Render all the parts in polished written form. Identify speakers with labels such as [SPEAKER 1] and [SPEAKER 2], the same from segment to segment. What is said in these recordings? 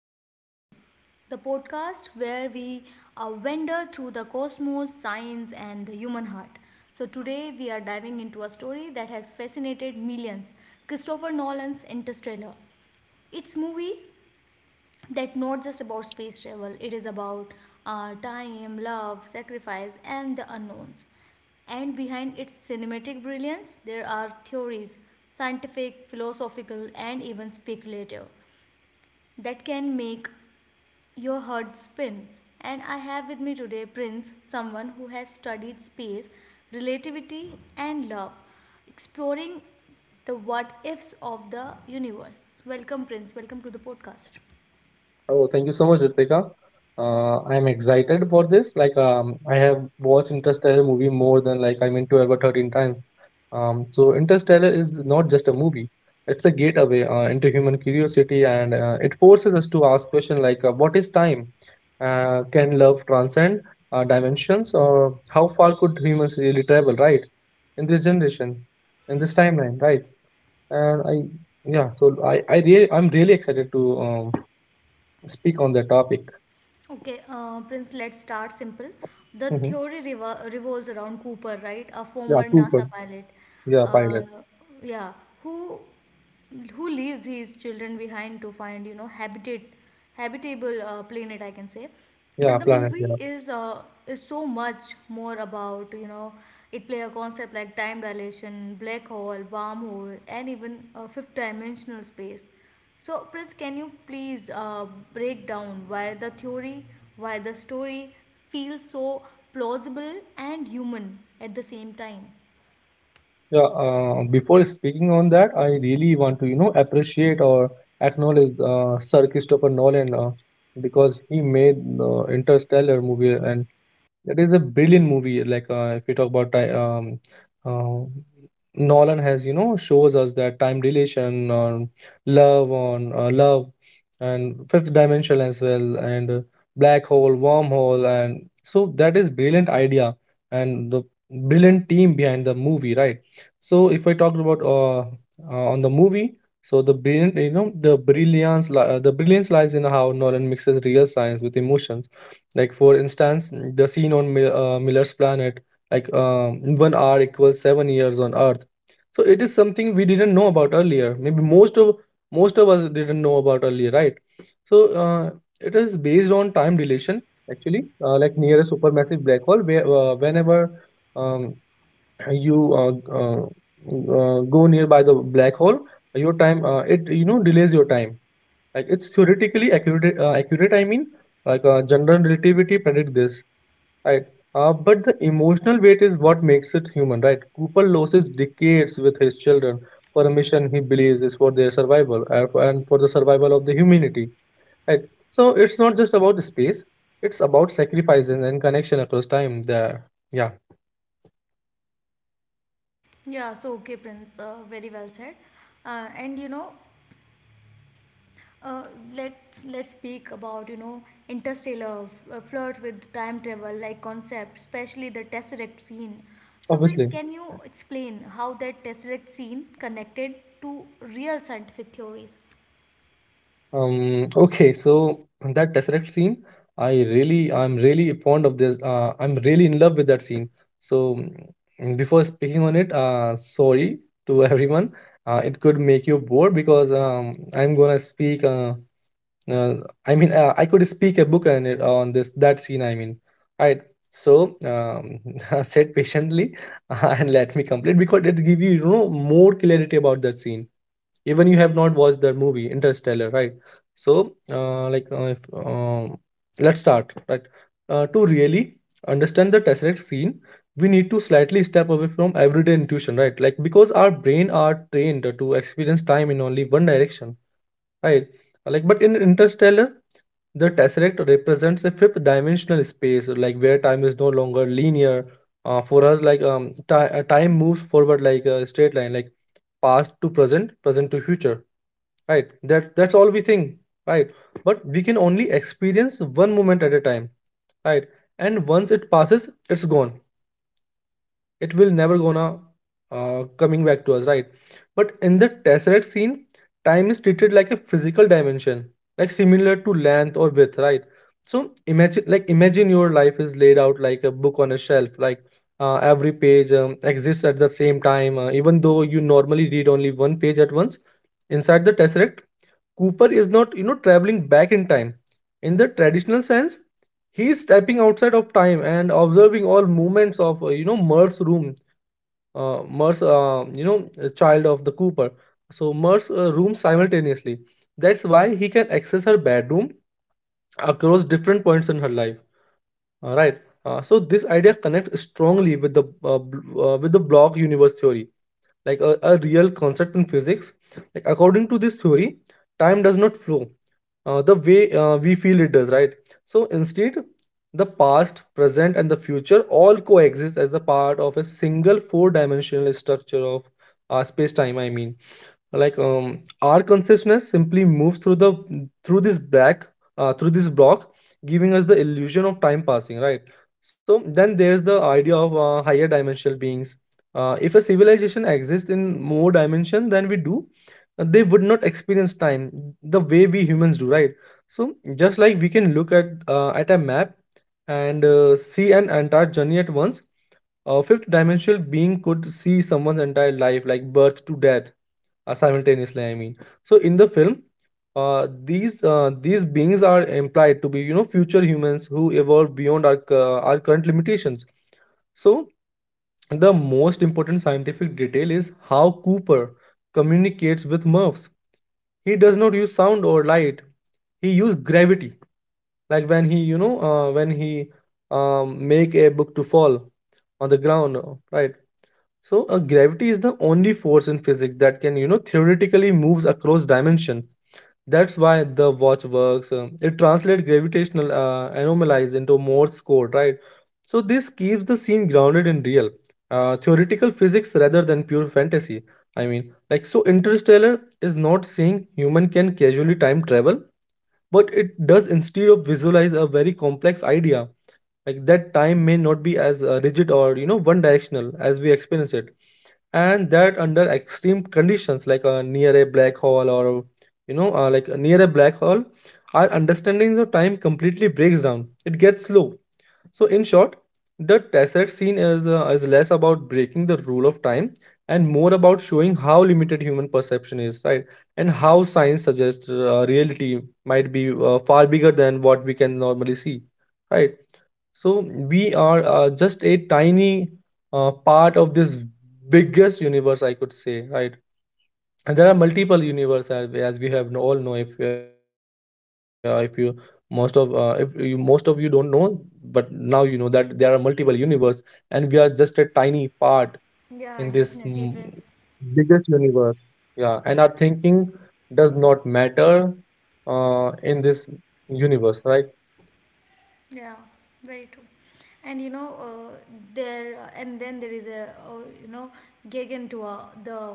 [SPEAKER 1] Conversation, the podcast where we wander through the cosmos, science, and the human heart. So, today we are diving into a story that has fascinated millions: Christopher Nolan's Interstellar. It's movie that not just about space travel, it is about time, love, sacrifice, and the unknowns. And behind its cinematic brilliance, there are theories, scientific, philosophical, and even speculative, that can make your head spin. And I have with me today Prince, someone who has studied space, relativity, and love, exploring the what ifs of the universe. Welcome, Prince. Welcome to the podcast.
[SPEAKER 2] Oh, thank you so much, Ritika. I'm excited for this. Like, I have watched Interstellar movie more than like I mean 12 or 13 times. So Interstellar is not just a movie; it's a gateway into human curiosity, and it forces us to ask questions like, "What is time? Can love transcend dimensions? Or how far could humans really travel? Right? In this generation, in this timeline, right?" And yeah. So I'm really excited to speak on that topic.
[SPEAKER 1] Okay, Prince, let's start simple. The
[SPEAKER 2] Mhm.
[SPEAKER 1] theory revolves around Cooper, right? A
[SPEAKER 2] Yeah,
[SPEAKER 1] former
[SPEAKER 2] Cooper.
[SPEAKER 1] NASA pilot.
[SPEAKER 2] Yeah,
[SPEAKER 1] Uh,
[SPEAKER 2] pilot.
[SPEAKER 1] yeah, who who leaves his children behind to find, you know, habitat habitable planet, I can say.
[SPEAKER 2] Yeah,
[SPEAKER 1] But the
[SPEAKER 2] planet.
[SPEAKER 1] movie
[SPEAKER 2] Yeah,
[SPEAKER 1] is so much more about, you know, it play a concept like time dilation, black hole, wormhole, and even fifth dimensional space. So, Prince, can you please break down why the theory, why the story feels so plausible and human at the same time?
[SPEAKER 2] yeah. Before speaking on that, I really want to appreciate or acknowledge Sir Christopher Nolan, because he made the Interstellar movie, and that is a brilliant movie. Like if we talk about ti- uh, Nolan has, shows us that time relation on love, on love, and fifth dimension as well, and black hole, wormhole. And so that is brilliant idea, and the brilliant team behind the movie, right? So if I talked about on the movie, so the brilliant you know the brilliance li- the brilliance lies in how Nolan mixes real science with emotion. Like, for instance, the scene on Miller's planet, like 1 hour equals 7 years on Earth. So it is something we didn't know about earlier. Maybe most of us didn't know about earlier, right? So it is based on time dilation, actually, like near a supermassive black hole, where whenever um, you uh, go nearby the black hole, your time, it, delays your time. Like, it's theoretically accurate. Accurate, I mean, like, general relativity predict this, right? But the emotional weight is what makes it human, right? Cooper loses decades with his children for a mission he believes is for their survival, and for the survival of the humanity, right? So it's not just about space; it's about sacrifices and connection across time. There, yeah,
[SPEAKER 1] Yeah. So, okay, Prince, very well said. And you know, uh, let's speak about you know interstellar flirts with time travel like concept, especially the tesseract scene. So, Prince,
[SPEAKER 2] obviously.
[SPEAKER 1] can you explain how that tesseract scene connected to real scientific theories?
[SPEAKER 2] Okay, so that Tesseract scene, I'm really fond of this. I'm really in love with that scene. So, before speaking on it, sorry to everyone. It could make you bored because I'm gonna speak. Uh, I mean, I could speak a book on it, on this that scene, I mean, right. So, said patiently and let me complete, because it give you, you know, more clarity about that scene, even you have not watched the movie Interstellar, right? So, like if, um, let's start, right? To really understand the tesseract scene, we need to slightly step away from everyday intuition, right? Like, because our brain are trained to experience time in only one direction, right? Like, but in Interstellar, the tesseract represents a fifth dimensional space, like, where time is no longer linear for us. Like, time moves forward like a straight line, like past to present, present to future, right? That's all we think, right? But we can only experience one moment at a time, right? And once it passes, it's gone. It will never gonna coming back to us, right? But in the tesseract scene, time is treated like a physical dimension, like similar to length or width, right? So imagine, like, imagine your life is laid out like a book on a shelf, like every page exists at the same time, even though you normally read only one page at once. Inside the tesseract, Cooper is not, you know, traveling back in time. In the traditional sense, he is stepping outside of time and observing all movements of, Mer's room, Mer's, child of the Cooper. So Mer's room simultaneously. That's why he can access her bedroom across different points in her life. All right. So this idea connects strongly with the with the block universe theory, like a real concept in physics. Like, according to this theory, time does not flow the way we feel it does, right? So instead, the past, present, and the future all coexist as the part of a single four dimensional structure of space time, I mean. Like, our consciousness simply moves through the through this black through this block, giving us the illusion of time passing, right? So then there's the idea of higher dimensional beings. If a civilization exists in more dimension than we do, they would not experience time the way we humans do, right? So just like we can look at, at a map, and see an entire journey at once, a fifth dimensional being could see someone's entire life, like birth to death, simultaneously, I mean. So in the film, these beings are implied to be, you know, future humans who evolve beyond our current limitations. So the most important scientific detail is how Cooper communicates with Murphs. He does not use sound or light; he used gravity, like when he, you know, when he make a book to fall on the ground, right? So, gravity is the only force in physics that can, you know, theoretically moves across dimension. That's why the watch works. It translates gravitational anomalies into Morse code, right? So this keeps the scene grounded in real, theoretical physics rather than pure fantasy. I mean, like, so Interstellar is not saying human can casually time travel, but it does instead of visualize a very complex idea. Like, that time may not be as rigid or, you know, one directional as we experience it, and that under extreme conditions like near a black hole or you know like near a black hole, our understandings of time completely breaks down; it gets slow. So in short, the tesseract scene is, is less about breaking the rule of time and more about showing how limited human perception is, right? And how science suggests reality might be far bigger than what we can normally see, right? So we are just a tiny part of this biggest universe, I could say, right? And there are multiple universes, as we have all know. If you most of you don't know, but now you know that there are multiple universe, and we are just a tiny part in this,
[SPEAKER 1] Yeah, definitely, Prince.
[SPEAKER 2] biggest universe. Yeah, and our thinking does not matter in this universe, right?
[SPEAKER 1] Yeah, very true. And you know, there and then there is a, you know, Gegentor, the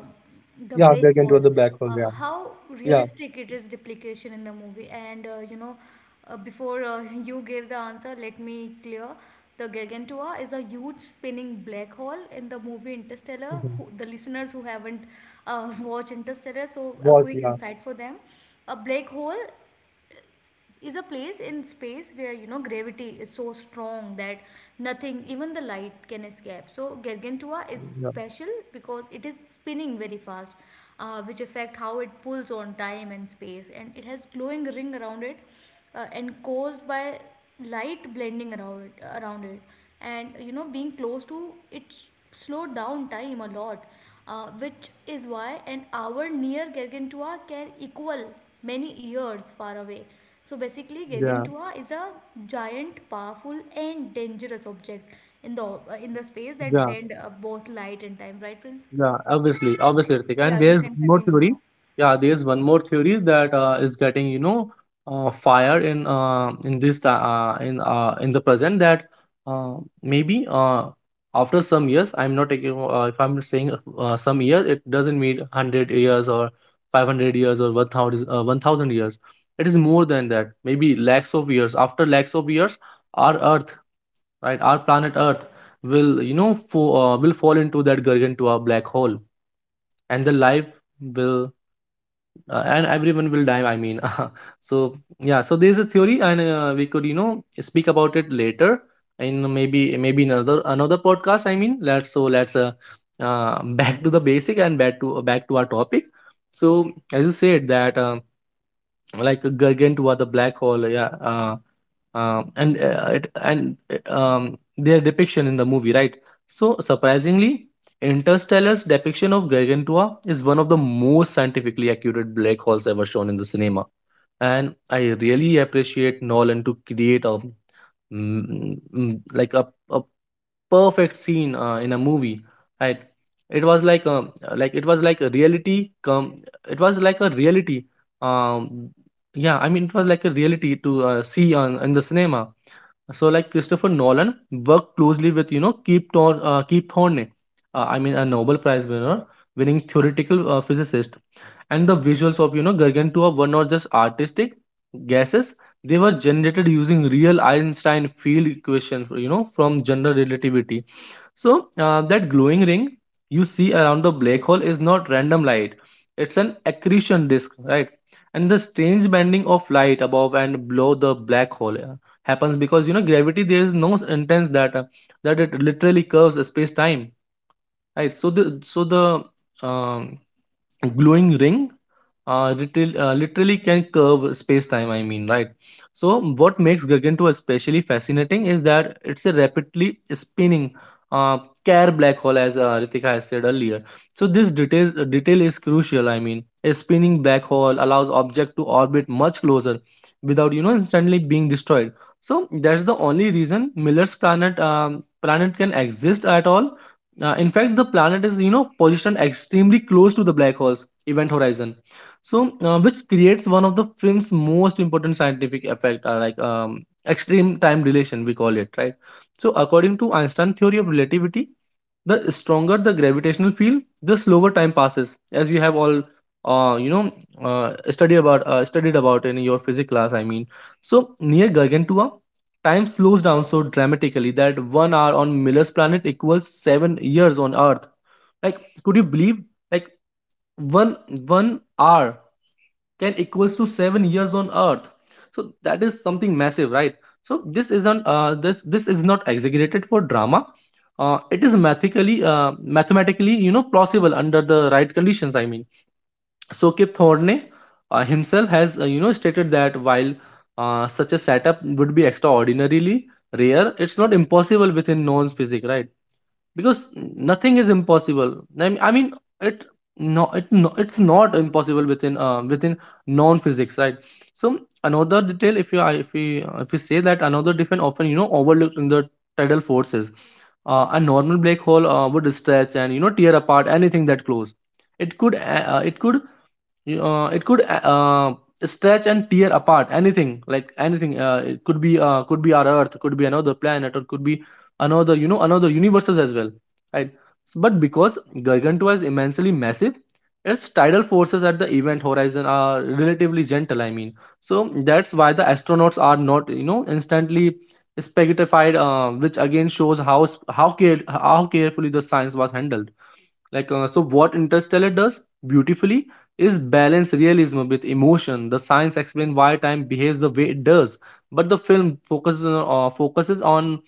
[SPEAKER 2] Yeah,
[SPEAKER 1] Blake
[SPEAKER 2] back into
[SPEAKER 1] Wall.
[SPEAKER 2] the black hole. Yeah,
[SPEAKER 1] How
[SPEAKER 2] yeah.
[SPEAKER 1] realistic it is duplication in the movie. And you know, before you gave the answer, let me clear. The Gargantua is a huge spinning black hole in the movie Interstellar. Who,
[SPEAKER 2] Mhm.
[SPEAKER 1] the listeners who haven't watched Interstellar, so a
[SPEAKER 2] What?
[SPEAKER 1] quick
[SPEAKER 2] Yeah.
[SPEAKER 1] insight for them. A black hole is a place in space where you know gravity is so strong that nothing even the light can escape. So Gargantua is
[SPEAKER 2] Yeah,
[SPEAKER 1] special because it is spinning very fast, which affect how it pulls on time and space, and it has glowing ring around it, and caused by light blending around it. And you know being close to it slowed down time a lot, which is why an hour near Gargantua can equal many years far away. So basically
[SPEAKER 2] yeah,
[SPEAKER 1] Gargantua is a giant, powerful, and dangerous object in the in the space that
[SPEAKER 2] yeah,
[SPEAKER 1] blend both light and time, right, Prince?
[SPEAKER 2] yeah. Obviously, obviously, Ritik. And
[SPEAKER 1] Yeah, you
[SPEAKER 2] there's
[SPEAKER 1] can
[SPEAKER 2] one more
[SPEAKER 1] continue
[SPEAKER 2] theory.
[SPEAKER 1] now.
[SPEAKER 2] Yeah, there's one more theory that is getting, you know, fire in in the present, that uh, maybe after some years, I'm not taking, if I'm saying some years, it doesn't mean 100 years or 500 years or 1000 1000 years. It is more than that. Maybe lakhs of years. After lakhs of years, our earth, right, our planet earth, will, you know, will fall into that Gargantua black hole, and the life will, and everyone will die, I mean. So yeah, so there's a theory, and we could, you know, speak about it later, in maybe another podcast, I mean. Let's, so let's, back to the basic, and back to, our topic. So as you said that, like Gargantua, the black hole, yeah. And their depiction in the movie, right? So surprisingly, Interstellar's depiction of Gargantua is one of the most scientifically accurate black holes ever shown in the cinema, and I really appreciate Nolan to create a mm, mm, like a, a perfect scene in a movie, right? It was like, like, it was like a reality come. It was like a reality. Um, yeah, I mean, it was like a reality to see on in the cinema. So, like, Christopher Nolan worked closely with, you know, Keith Thorne, I mean, a Nobel Prize winner, winning theoretical physicist, and the visuals of, you know, Gargantua were not just artistic guesses; they were generated using real Einstein field equations, you know, from general relativity. So, that glowing ring you see around the black hole is not random light; it's an accretion disk, right? And the strange bending of light above and below the black hole happens because, you know, gravity there is no s- intense that, that it literally curves space time, right? So the um, glowing ring literally can curve space time, I mean, right? So what makes Gargantua especially fascinating is that it's a rapidly spinning uh, care black hole, as Ritika has said earlier. So this detail is crucial. I mean, a spinning black hole allows object to orbit much closer without instantly being destroyed. So that's the only reason Miller's planet can exist at all. In fact, the planet is positioned extremely close to the black hole's event horizon, so which creates one of the film's most important scientific effect, extreme time dilation, we call it, right? So according to Einstein theory of relativity, the stronger the gravitational field, the slower time passes, as you have all you know study about studied about in your physics class. I mean, so near Gargantua, time slows down so dramatically that 1 hour on Miller's planet equals 7 years on Earth. Like, could you believe? Like, one one hour can equals to 7 years on Earth. So that is something massive, right? So this isn't this this is not exaggerated for drama. It is mathematically plausible under the right conditions. I mean, so Kip Thorne himself has stated that while such a setup would be extraordinarily rare, it's not impossible within known physics, right? Because nothing is impossible. I mean, I mean it no it no, it's not impossible within within non physics, right? So another detail, if you I- if we say that another different, often overlooked in the tidal forces. A normal black hole would stretch and tear apart anything that close. It it could stretch and tear apart anything, like anything. It could be our Earth, could be another planet, or could be another you know another universes as well, right? But because Gargantua is immensely massive, its tidal forces at the event horizon are relatively gentle. I mean, so that's why the astronauts are not instantly spaghettified, which again shows how carefully the science was handled. Like, so what Interstellar does beautifully is balance realism with emotion. The science explains why time behaves the way it does, but the film focuses on, uh, focuses on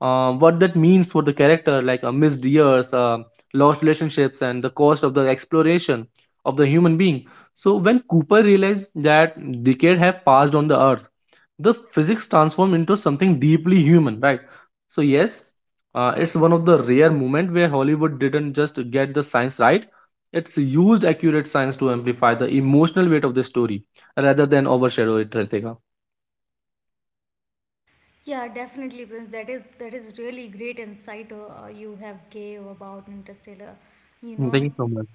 [SPEAKER 2] uh, what that means for the character, like missed years, lost relationships, and the cost of the exploration of the human being. So when Cooper realized that decade have passed on the Earth, the physics transform into something deeply human, right? So yes, it's one of the rare moment where Hollywood didn't just get the science right, it's used accurate science to amplify the emotional weight of the story rather than overshadow it, Ritika.
[SPEAKER 1] Yeah, definitely, Prince. That is really great insight you have gave about Interstellar. You know,
[SPEAKER 2] Thank you so much.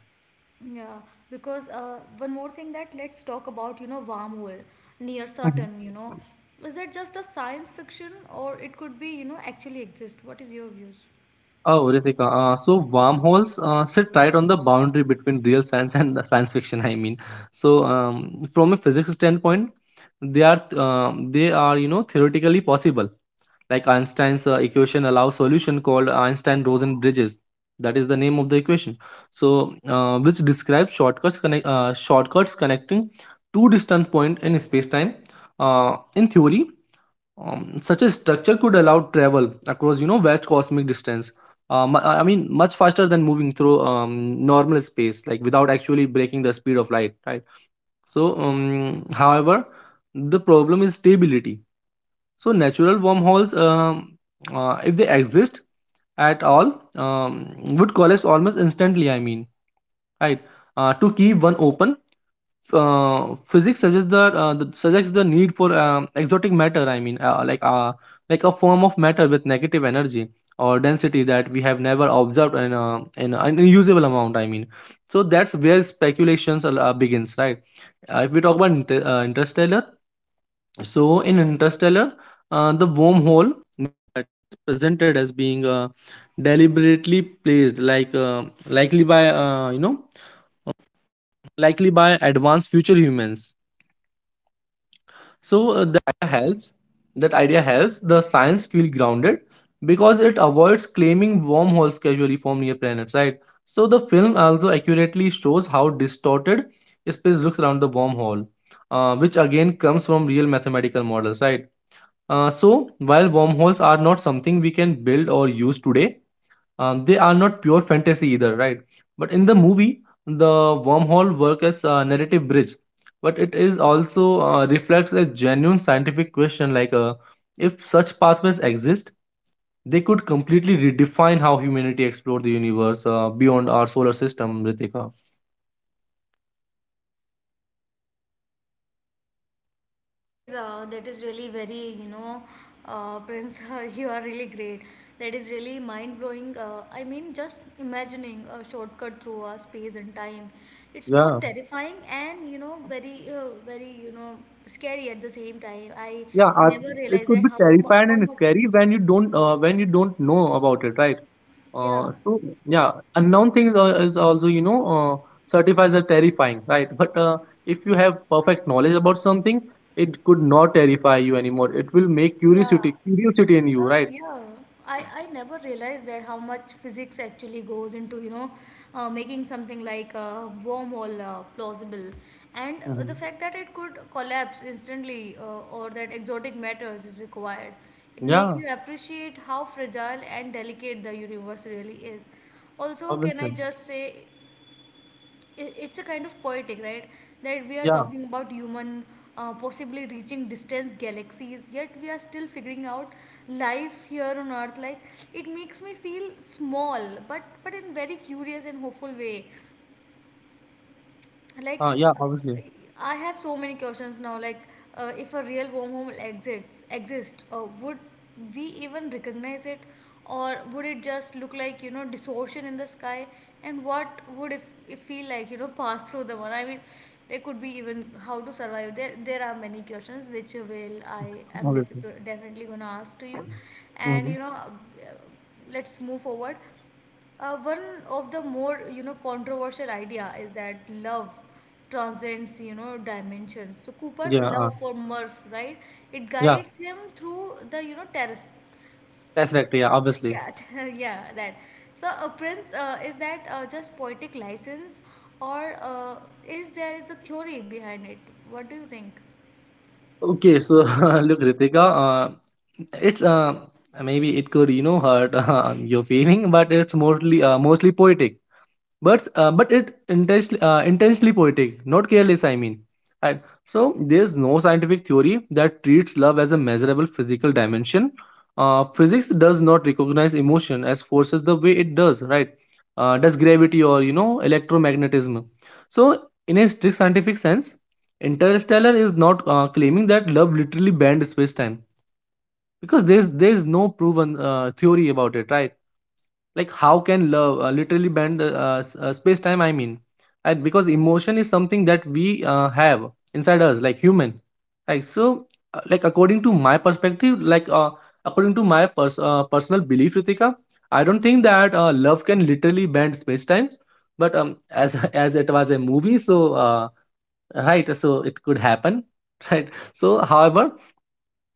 [SPEAKER 1] yeah, because one more thing that let's talk about, you know, wormhole near
[SPEAKER 2] Mhm.
[SPEAKER 1] certain, you know, is that just a science fiction, or it could be, you know, actually exist? What is your views?
[SPEAKER 2] Oh, Ritika. So wormholes sit right on the boundary between real science and the science fiction. I mean, so from a physics standpoint, they are theoretically possible. Like Einstein's equation allows solution called Einstein-Rosen bridges. That is the name of the equation. So, which describes shortcuts connecting two distant points in space-time. In theory, such a structure could allow travel across, vast cosmic distance. I mean, much faster than moving through normal space, like without actually breaking the speed of light, right? So, however, the problem is stability. So, natural wormholes, if they exist at all, would collapse almost instantly. I mean, right? To keep one open, physics suggests the suggests the need for exotic matter. I mean, like a form of matter with negative energy or density that we have never observed in an unusable amount. I mean, so that's where speculations begins, right? If we talk about interstellar, so in interstellar, the wormhole science feel grounded because it avoids claiming wormholes casually form near planets, right? So the film also accurately shows how distorted space looks around the wormhole, which again comes from real mathematical models, right? So while wormholes are not something we can build or use today, they are not pure fantasy either, right? But in the movie, the wormhole works as a narrative bridge, but it is also reflects a genuine scientific question, like, if such pathways exist, they could completely redefine how humanity explored the universe beyond our solar system, Ritika.
[SPEAKER 1] That is really very you know, Prince, you are really great. That is really mind blowing. I mean, just imagining a shortcut through space and time, it's both
[SPEAKER 2] Yeah,
[SPEAKER 1] terrifying and you know very very you know scary at the same time. I
[SPEAKER 2] yeah.
[SPEAKER 1] never
[SPEAKER 2] It
[SPEAKER 1] realized
[SPEAKER 2] could
[SPEAKER 1] that
[SPEAKER 2] be terrifying
[SPEAKER 1] how
[SPEAKER 2] and
[SPEAKER 1] much.
[SPEAKER 2] scary when you don't when you don't know about it, right?
[SPEAKER 1] Yeah,
[SPEAKER 2] So yeah, unknown things are, is also certifies as terrifying, right? But if you have perfect knowledge about something, it could not terrify you anymore. It will make
[SPEAKER 1] yeah.
[SPEAKER 2] curiosity in you,
[SPEAKER 1] Because
[SPEAKER 2] right?
[SPEAKER 1] yeah, I never realized that how much physics actually goes into you know making something like a wormhole plausible, and the
[SPEAKER 2] Hmm.
[SPEAKER 1] fact that it could collapse instantly or that exotic matters is required, it makes
[SPEAKER 2] Yeah,
[SPEAKER 1] you appreciate how fragile and delicate the universe really is. Also, can I
[SPEAKER 2] obviously.
[SPEAKER 1] just say, I- it's a kind of poetic, right, that we are
[SPEAKER 2] Yeah,
[SPEAKER 1] talking about human possibly reaching distant galaxies, yet we are still figuring out life here on earth. Like, it makes me feel small, but in very curious and hopeful way. Like,
[SPEAKER 2] yeah,
[SPEAKER 1] uh,
[SPEAKER 2] obviously,
[SPEAKER 1] I have so many questions now, like if a real wormhole exists would we even recognize it, or would it just look like you know distortion in the sky? And what would if it feel like you know pass through the one, I mean, there could be even how to survive there? There are many questions which will I
[SPEAKER 2] obviously.
[SPEAKER 1] am definitely going to ask to you.
[SPEAKER 2] Hmm.
[SPEAKER 1] And you know, let's move forward. One of the more you know controversial idea is that love transcends you know dimensions. So Cooper's
[SPEAKER 2] Yeah,
[SPEAKER 1] love for Murph, right? It
[SPEAKER 2] yeah,
[SPEAKER 1] guides him through the you know terrace.
[SPEAKER 2] that's right. Yeah, obviously.
[SPEAKER 1] Yeah, yeah, that. So a Prince, is that just poetic license, or is there is a theory behind it? What do you think?
[SPEAKER 2] Okay, so look, Ritika, it's maybe it could hurt your feeling, but it's mostly poetic, but but it intensely poetic, not careless. I mean, and so there's no scientific theory that treats love as a measurable physical dimension. Physics does not recognize emotion as forces the way it does, right? Does gravity or electromagnetism. So in a strict scientific sense, Interstellar is not claiming that love literally banned space-time, because there's no proven theory about it, right? Like, how can love literally bend space time? I mean, right? Because emotion is something that we have inside us, like human, like, so like according to my perspective, like according to my personal belief, Ritika, I don't think that love can literally bend space times. But as as it was a movie, so uh, right, so it could happen, right? So however,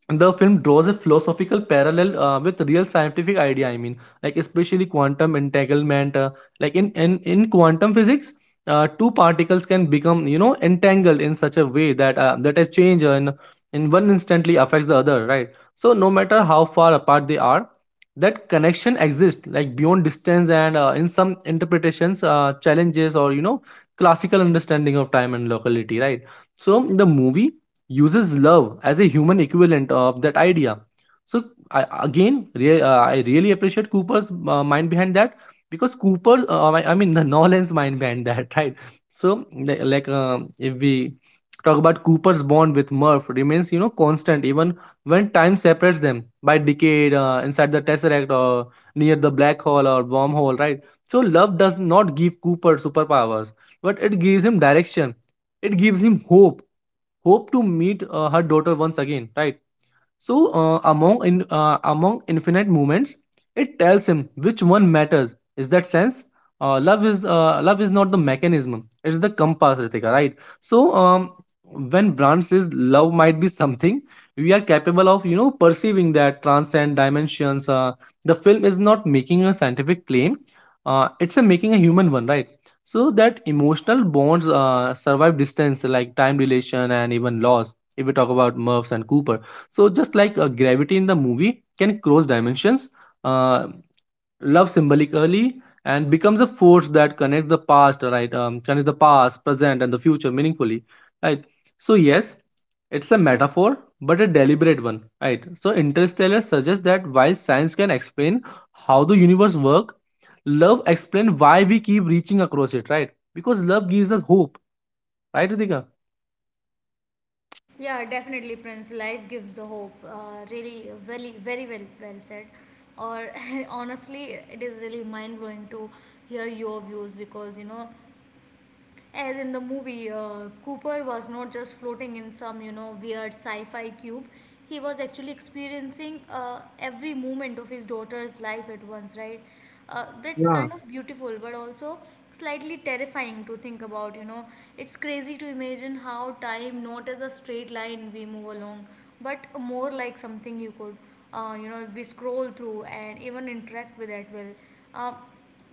[SPEAKER 2] the film draws a philosophical parallel with real scientific idea. I mean, like especially quantum entanglement, like in quantum physics, two particles can become entangled in such a way that that a change in one instantly affects the other, right? So no matter how far apart they are, that connection exists, like, beyond distance, and in some interpretations challenges or classical understanding of time and locality, right? So the movie uses love as a human equivalent of that idea. So I, again, I really appreciate Cooper's mind behind that, because coopers I mean, the Nolan's mind behind that, right? So like, if we talk about Cooper's bond with Murph remains, constant, even when time separates them by decade inside the Tesseract or near the black hole or wormhole, right? So love does not give Cooper superpowers, but it gives him direction. It gives him hope, to meet her daughter once again, right? So among infinite movements, it tells him which one matters. Is that sense? Love is not the mechanism. It's the compass, Ritika, right? So when Brand says love might be something, we are capable of perceiving that transcend dimensions. The film is not making a scientific claim. It's a making a human one, right? So that emotional bonds survive distance, like time relation and even loss. If we talk about Murphs and Cooper, so just like gravity in the movie can cross dimensions, uh, love symbolically and becomes a force that connects the past, right? Connects the past, present, and the future meaningfully, right? So yes, it's a metaphor, but a deliberate one, right? So Interstellar suggests that while science can explain how the universe works, love explains why we keep reaching across it, right? Because love gives us hope, right, Ritika?
[SPEAKER 1] Yeah, definitely, Prince. Life gives the hope. Really, very, very well, well said. Or honestly, it is really mind blowing to hear your views because you know as in the movie, Cooper was not just floating in some, you know, weird sci-fi cube. He was actually experiencing every moment of his daughter's life at once, right? That's
[SPEAKER 2] Yeah,
[SPEAKER 1] kind of beautiful, but also slightly terrifying to think about, you know. It's crazy to imagine how time, not as a straight line we move along, but more like something you could, you know, we scroll through and even interact with at will. Uh,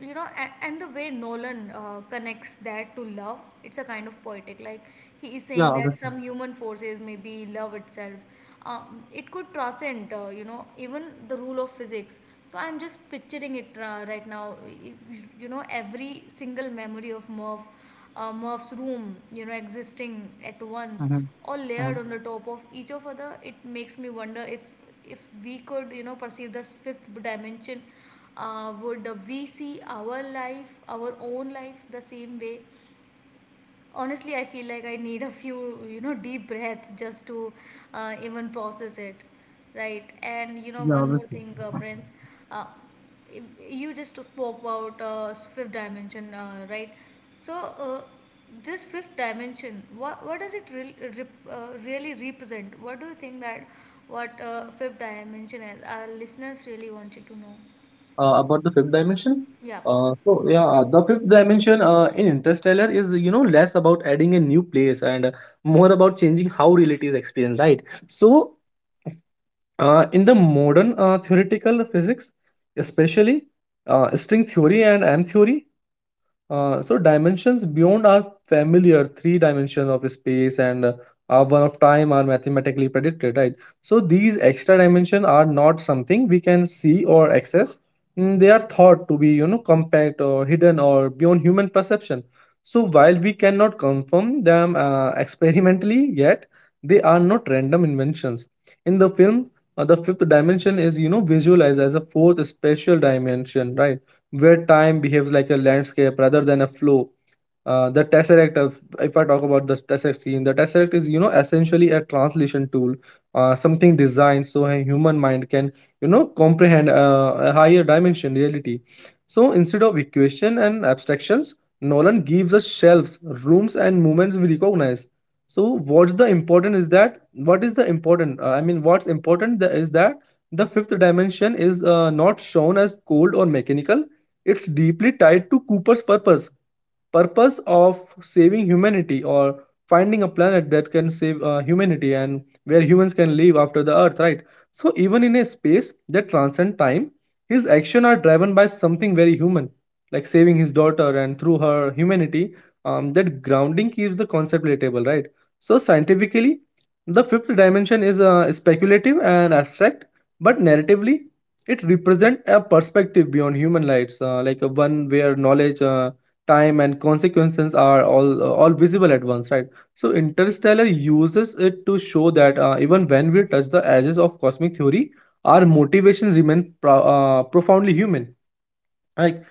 [SPEAKER 1] you know, and the way Nolan connects that to love, it's a kind of poetic. Like, he is
[SPEAKER 2] yeah,
[SPEAKER 1] saying that
[SPEAKER 2] obviously.
[SPEAKER 1] some human forces, may be love itself, it could transcend you know even the rule of physics. So I'm just picturing it right now. You know, every single memory of Merv's room you know existing at once,
[SPEAKER 2] Hmm.
[SPEAKER 1] all
[SPEAKER 2] Hmm.
[SPEAKER 1] layered on the top of each of other. It makes me wonder if we could you know perceive this fifth dimension, would we see our life, our own life, the same way? Honestly, I feel like I need a few you know deep breath just to even process it. Right, and you know
[SPEAKER 2] Yeah,
[SPEAKER 1] one more
[SPEAKER 2] obviously.
[SPEAKER 1] thing, Prince, uh, you just spoke about fifth dimension, right? So, this fifth dimension, what does it really represent? What do you think that what fifth dimension is? Our listeners really wanted to know.
[SPEAKER 2] About the fifth dimension.
[SPEAKER 1] Yeah.
[SPEAKER 2] So yeah, the fifth dimension in Interstellar is less about adding a new place and more about changing how reality is experienced, right? So in the modern theoretical physics, especially string theory and M theory, so dimensions beyond our familiar three dimensions of space and one of time are mathematically predicted, right? So these extra dimensions are not something we can see or access. They are thought to be, compact or hidden or beyond human perception. So while we cannot confirm them experimentally yet, they are not random inventions. In the film, the fifth dimension is, visualized as a fourth spatial dimension, right? Where time behaves like a landscape rather than a flow. The Tesseract, if I talk about the Tesseract scene, the Tesseract is, essentially a translation tool, something designed so a human mind can, comprehend a higher dimension reality. So instead of equation and abstractions, Nolan gives us shelves, rooms, and moments we recognize. So what's the important is that what is the important? I mean, what's important tha- is that the fifth dimension is not shown as cold or mechanical. It's deeply tied to Cooper's purpose, of saving humanity, or finding a planet that can save humanity and where humans can live after the earth, right? So even in a space that transcends time, his actions are driven by something very human, like saving his daughter and through her humanity. That grounding keeps the concept relatable, right? So scientifically, the fifth dimension is speculative and abstract, but narratively, it represents a perspective beyond human lives, like a one where knowledge, time, and consequences are all visible at once, right? So Interstellar uses it to show that even when we touch the edges of cosmic theory, our motivations remain profoundly human, like.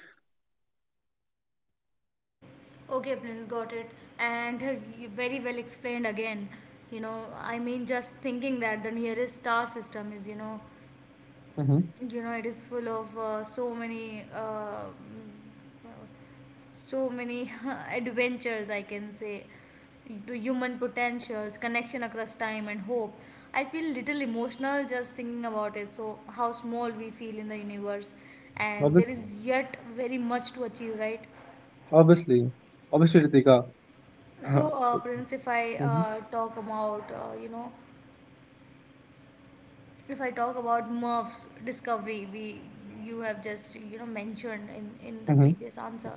[SPEAKER 1] Okay, Prince, got it. And you very well explained again. You know, I mean, just thinking that the nearest star system is, you know,
[SPEAKER 2] Hmm.
[SPEAKER 1] it is full of so many, so many adventures, I can say, to human potentials, connection across time and hope. I feel little emotional just thinking about it. So how small we feel in the universe, and
[SPEAKER 2] Obvi-
[SPEAKER 1] there is yet very much to achieve, right?
[SPEAKER 2] obviously obviously, Ritika.
[SPEAKER 1] So, Prince, if I
[SPEAKER 2] Hmm.
[SPEAKER 1] talk about, you know, if I talk about Murph's discovery, we you have just you know mentioned in the
[SPEAKER 2] Hmm.
[SPEAKER 1] previous answer.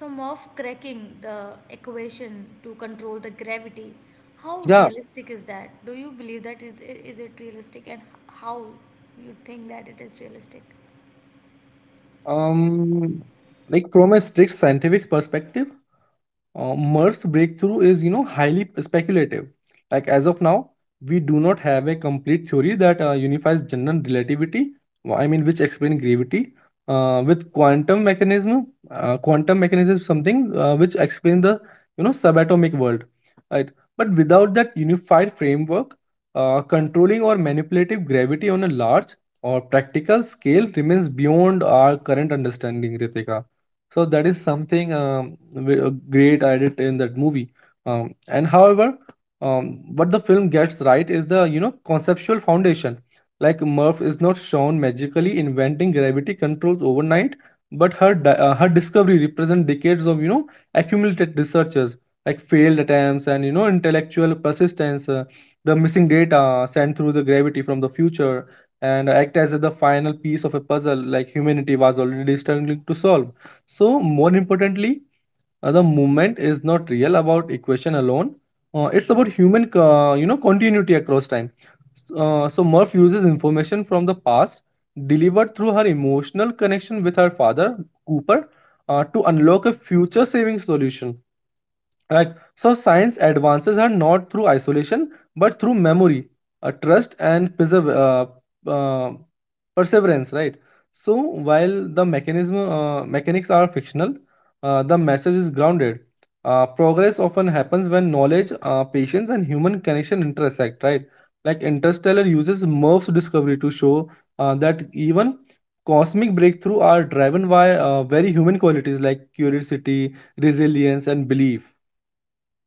[SPEAKER 1] So, Murph cracking the equation to control the gravity. How
[SPEAKER 2] Yeah.
[SPEAKER 1] realistic is that? Do you believe that is it realistic, and how you think that it is realistic?
[SPEAKER 2] um like, from a strict scientific perspective, Merck's breakthrough is, highly speculative. Like, as of now, we do not have a complete theory that unifies general relativity. I mean, which explains gravity with quantum mechanism. Quantum mechanism is something which explains the, subatomic world, right? But without that unified framework, controlling or manipulative gravity on a large or practical scale remains beyond our current understanding, Ritika. So that is something great I did in that movie. And however, what the film gets right is the, you know, conceptual foundation. Like, Murph is not shown magically inventing gravity controls overnight, but her discovery represents decades of, you know, accumulated researches, like failed attempts and, you know, intellectual persistence. The missing data sent through the gravity from the future and act as the final piece of a puzzle, like humanity was already struggling to solve. So, more importantly, the movement is not real about equation alone. It's about human, you know, continuity across time. So Murph uses information from the past, delivered through her emotional connection with her father, Cooper, to unlock a future saving solution. Right. So science advances are not through isolation, but through memory, trust, and uh, perseverance. Right. So while the mechanism mechanics are fictional, the message is grounded. Progress often happens when knowledge, patience, and human connection intersect. Right. Like, Interstellar uses Murph's discovery to show that even cosmic breakthrough are driven by very human qualities like curiosity, resilience, and belief.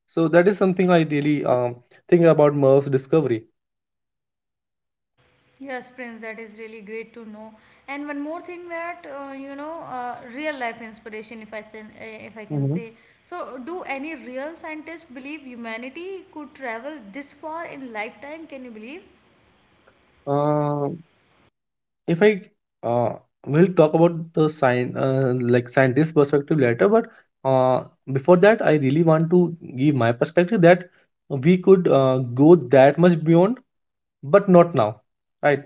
[SPEAKER 2] So that is something I really think about Merv's discovery.
[SPEAKER 1] Yes, Prince, that is really great to know. And one more thing, that you know, real life inspiration, if I say, if I can
[SPEAKER 2] Hmm.
[SPEAKER 1] say. So, do any real scientists believe humanity could travel this far in lifetime? Can you believe?
[SPEAKER 2] Uh, if I uh, will talk about the sign like scientist perspective later, but uh, before that, I really want to give my perspective that we could go that much beyond, but not now, right?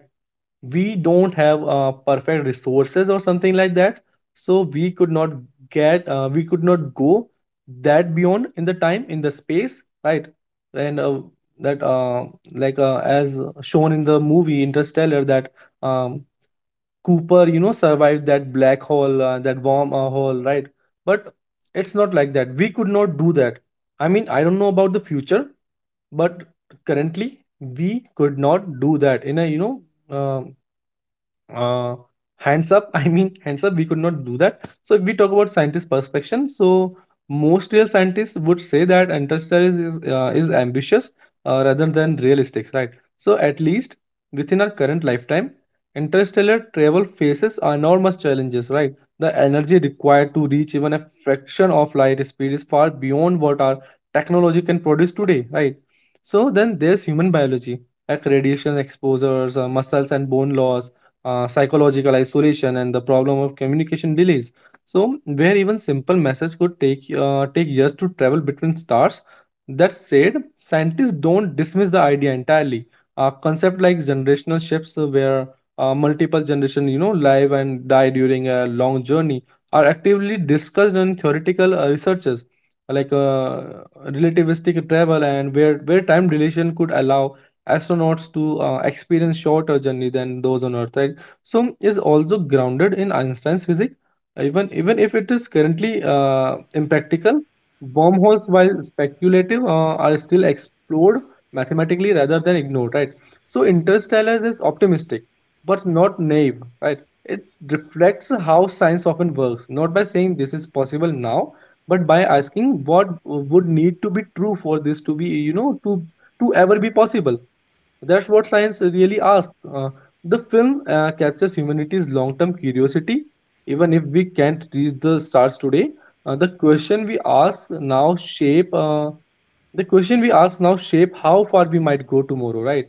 [SPEAKER 2] We don't have perfect resources or something like that, so we could not get we could not go that beyond in the time in the space, right? And that like as shown in the movie Interstellar that um, Cooper, you know, survived that black hole, that warm hole, right? But it's not like that we could not do that. I mean, I don't know about the future, but currently we could not do that in a, you know, uh, uh, hands up. I mean, hands up, we could not do that. So if we talk about scientist perspection, so most real scientists would say that Interstellar is ambitious rather than realistic, right? So at least within our current lifetime, interstellar travel faces enormous challenges, right? The energy required to reach even a fraction of light speed is far beyond what our technology can produce today, right? So then there's human biology, like radiation exposures, muscles and bone loss, psychological isolation, and the problem of communication delays. So, where even simple message could take years to travel between stars. That said, scientists don't dismiss the idea entirely. A concept like generational shifts, where multiple generation, you know, live and die during a long journey, are actively discussed in theoretical researches, like relativistic travel, and where time dilation could allow astronauts to experience shorter journey than those on earth, right? So is also grounded in Einstein's physics, even if it is currently impractical. Wormholes, while speculative, are still explored mathematically rather than ignored, right? So Interstellar is optimistic, but not naive, right? It reflects how science often works, not by saying this is possible now, but by asking what would need to be true for this to be, you know, to ever be possible. That's what science really asks. The film captures humanity's long term curiosity. Even if we can't reach the stars today, uh, the question we ask now shape uh, the question we ask now shape how far we might go tomorrow, right?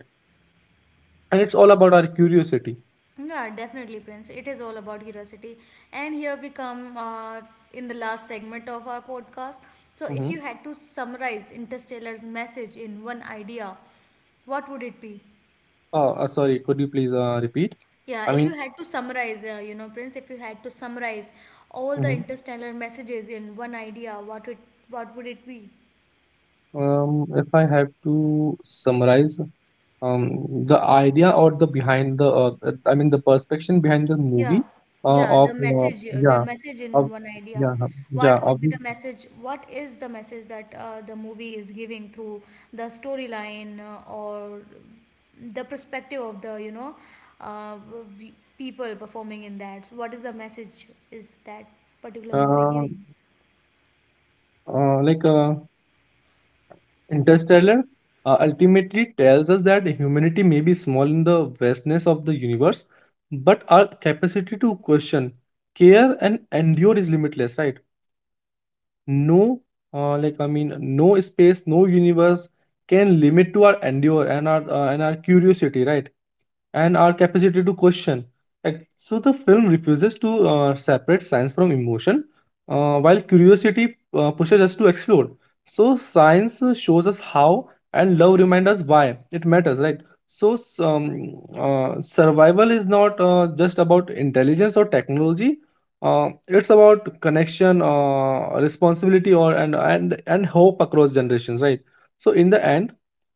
[SPEAKER 2] And it's all about our curiosity.
[SPEAKER 1] Yeah, definitely, Prince. It is all about curiosity. And here we come in the last segment of our podcast. So, if
[SPEAKER 2] Hmm.
[SPEAKER 1] you had to summarize Interstellar's message in one idea, what would it be?
[SPEAKER 2] Oh, sorry. Could you please repeat?
[SPEAKER 1] Yeah,
[SPEAKER 2] I
[SPEAKER 1] if you
[SPEAKER 2] mean,
[SPEAKER 1] had to summarize, you know, Prince, if you had to summarize all the
[SPEAKER 2] mhm.
[SPEAKER 1] interstellar messages in one idea, what it, what would it be?
[SPEAKER 2] If I have to summarize, um, the idea or the behind the I mean the perspective behind the
[SPEAKER 1] Yeah,
[SPEAKER 2] movie
[SPEAKER 1] yeah,
[SPEAKER 2] of
[SPEAKER 1] the
[SPEAKER 2] yeah,
[SPEAKER 1] message in
[SPEAKER 2] of
[SPEAKER 1] one idea.
[SPEAKER 2] yeah huh, yeah
[SPEAKER 1] What
[SPEAKER 2] of
[SPEAKER 1] could be
[SPEAKER 2] the,
[SPEAKER 1] the message? What is the message that the movie is giving through the storyline, or the perspective of the, you know, uh, people performing in that? What is the message is that particular movie
[SPEAKER 2] uh,
[SPEAKER 1] giving?
[SPEAKER 2] like Interstellar ultimately tells us that humanity may be small in the vastness of the universe, but our capacity to question, care, and endure is limitless. Right? No, like I mean, no space, no universe can limit to our endure and our curiosity. Right? And our capacity to question. Like, so the film refuses to separate science from emotion, while curiosity pushes us to explore. So science shows us how, and love reminds us why it matters, right? So survival is not just about intelligence or technology. It's about connection, responsibility, or and hope across generations, right? So in the end,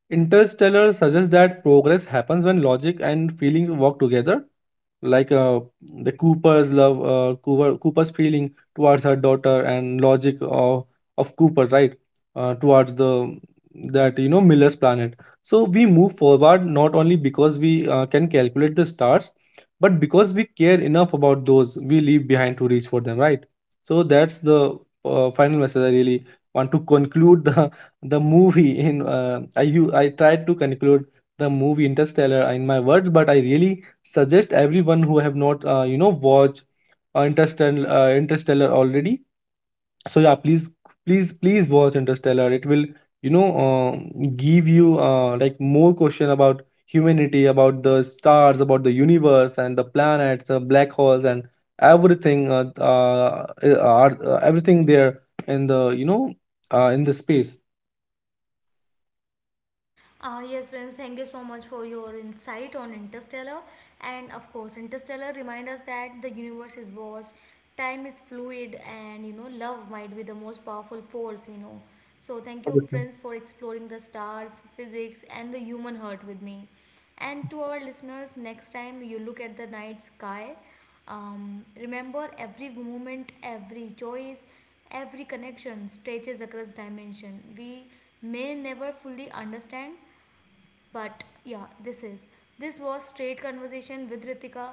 [SPEAKER 2] Interstellar suggests that progress happens when logic and feeling work together, like the Cooper's love, Cooper, Cooper's feeling towards her daughter, and logic of Cooper, right, towards the, that you know, Miller's planet. So we move forward not only because we can calculate the stars, but because we care enough about those we leave behind to reach for them, right? So that's the final message I really want to conclude the the movie in. I you I tried to conclude the movie Interstellar in my words, but I really suggest everyone who have not you know, watched Interstellar already. So yeah, please watch Interstellar. It will, you know, give you like, more question about humanity, about the stars, about the universe, and the planets, the black holes, and everything are everything there in the, you know, in the space.
[SPEAKER 1] Yes, Prince, thank you so much for your insight on Interstellar. And of course, Interstellar reminds us that the universe is vast, time is fluid, and you know, love might be the most powerful force we know. So, thank you,
[SPEAKER 2] Everything.
[SPEAKER 1] Prince, for exploring the stars, physics, and the human heart with me. And to our listeners, next time you look at the night sky, remember every moment, every choice, every connection stretches across dimension we may never fully understand, but yeah, this is. This was Straight Conversation with Ritika.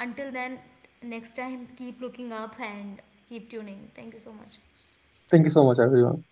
[SPEAKER 1] Until then, next time, keep looking up and keep tuning. Thank you so much.
[SPEAKER 2] Thank you so much, everyone.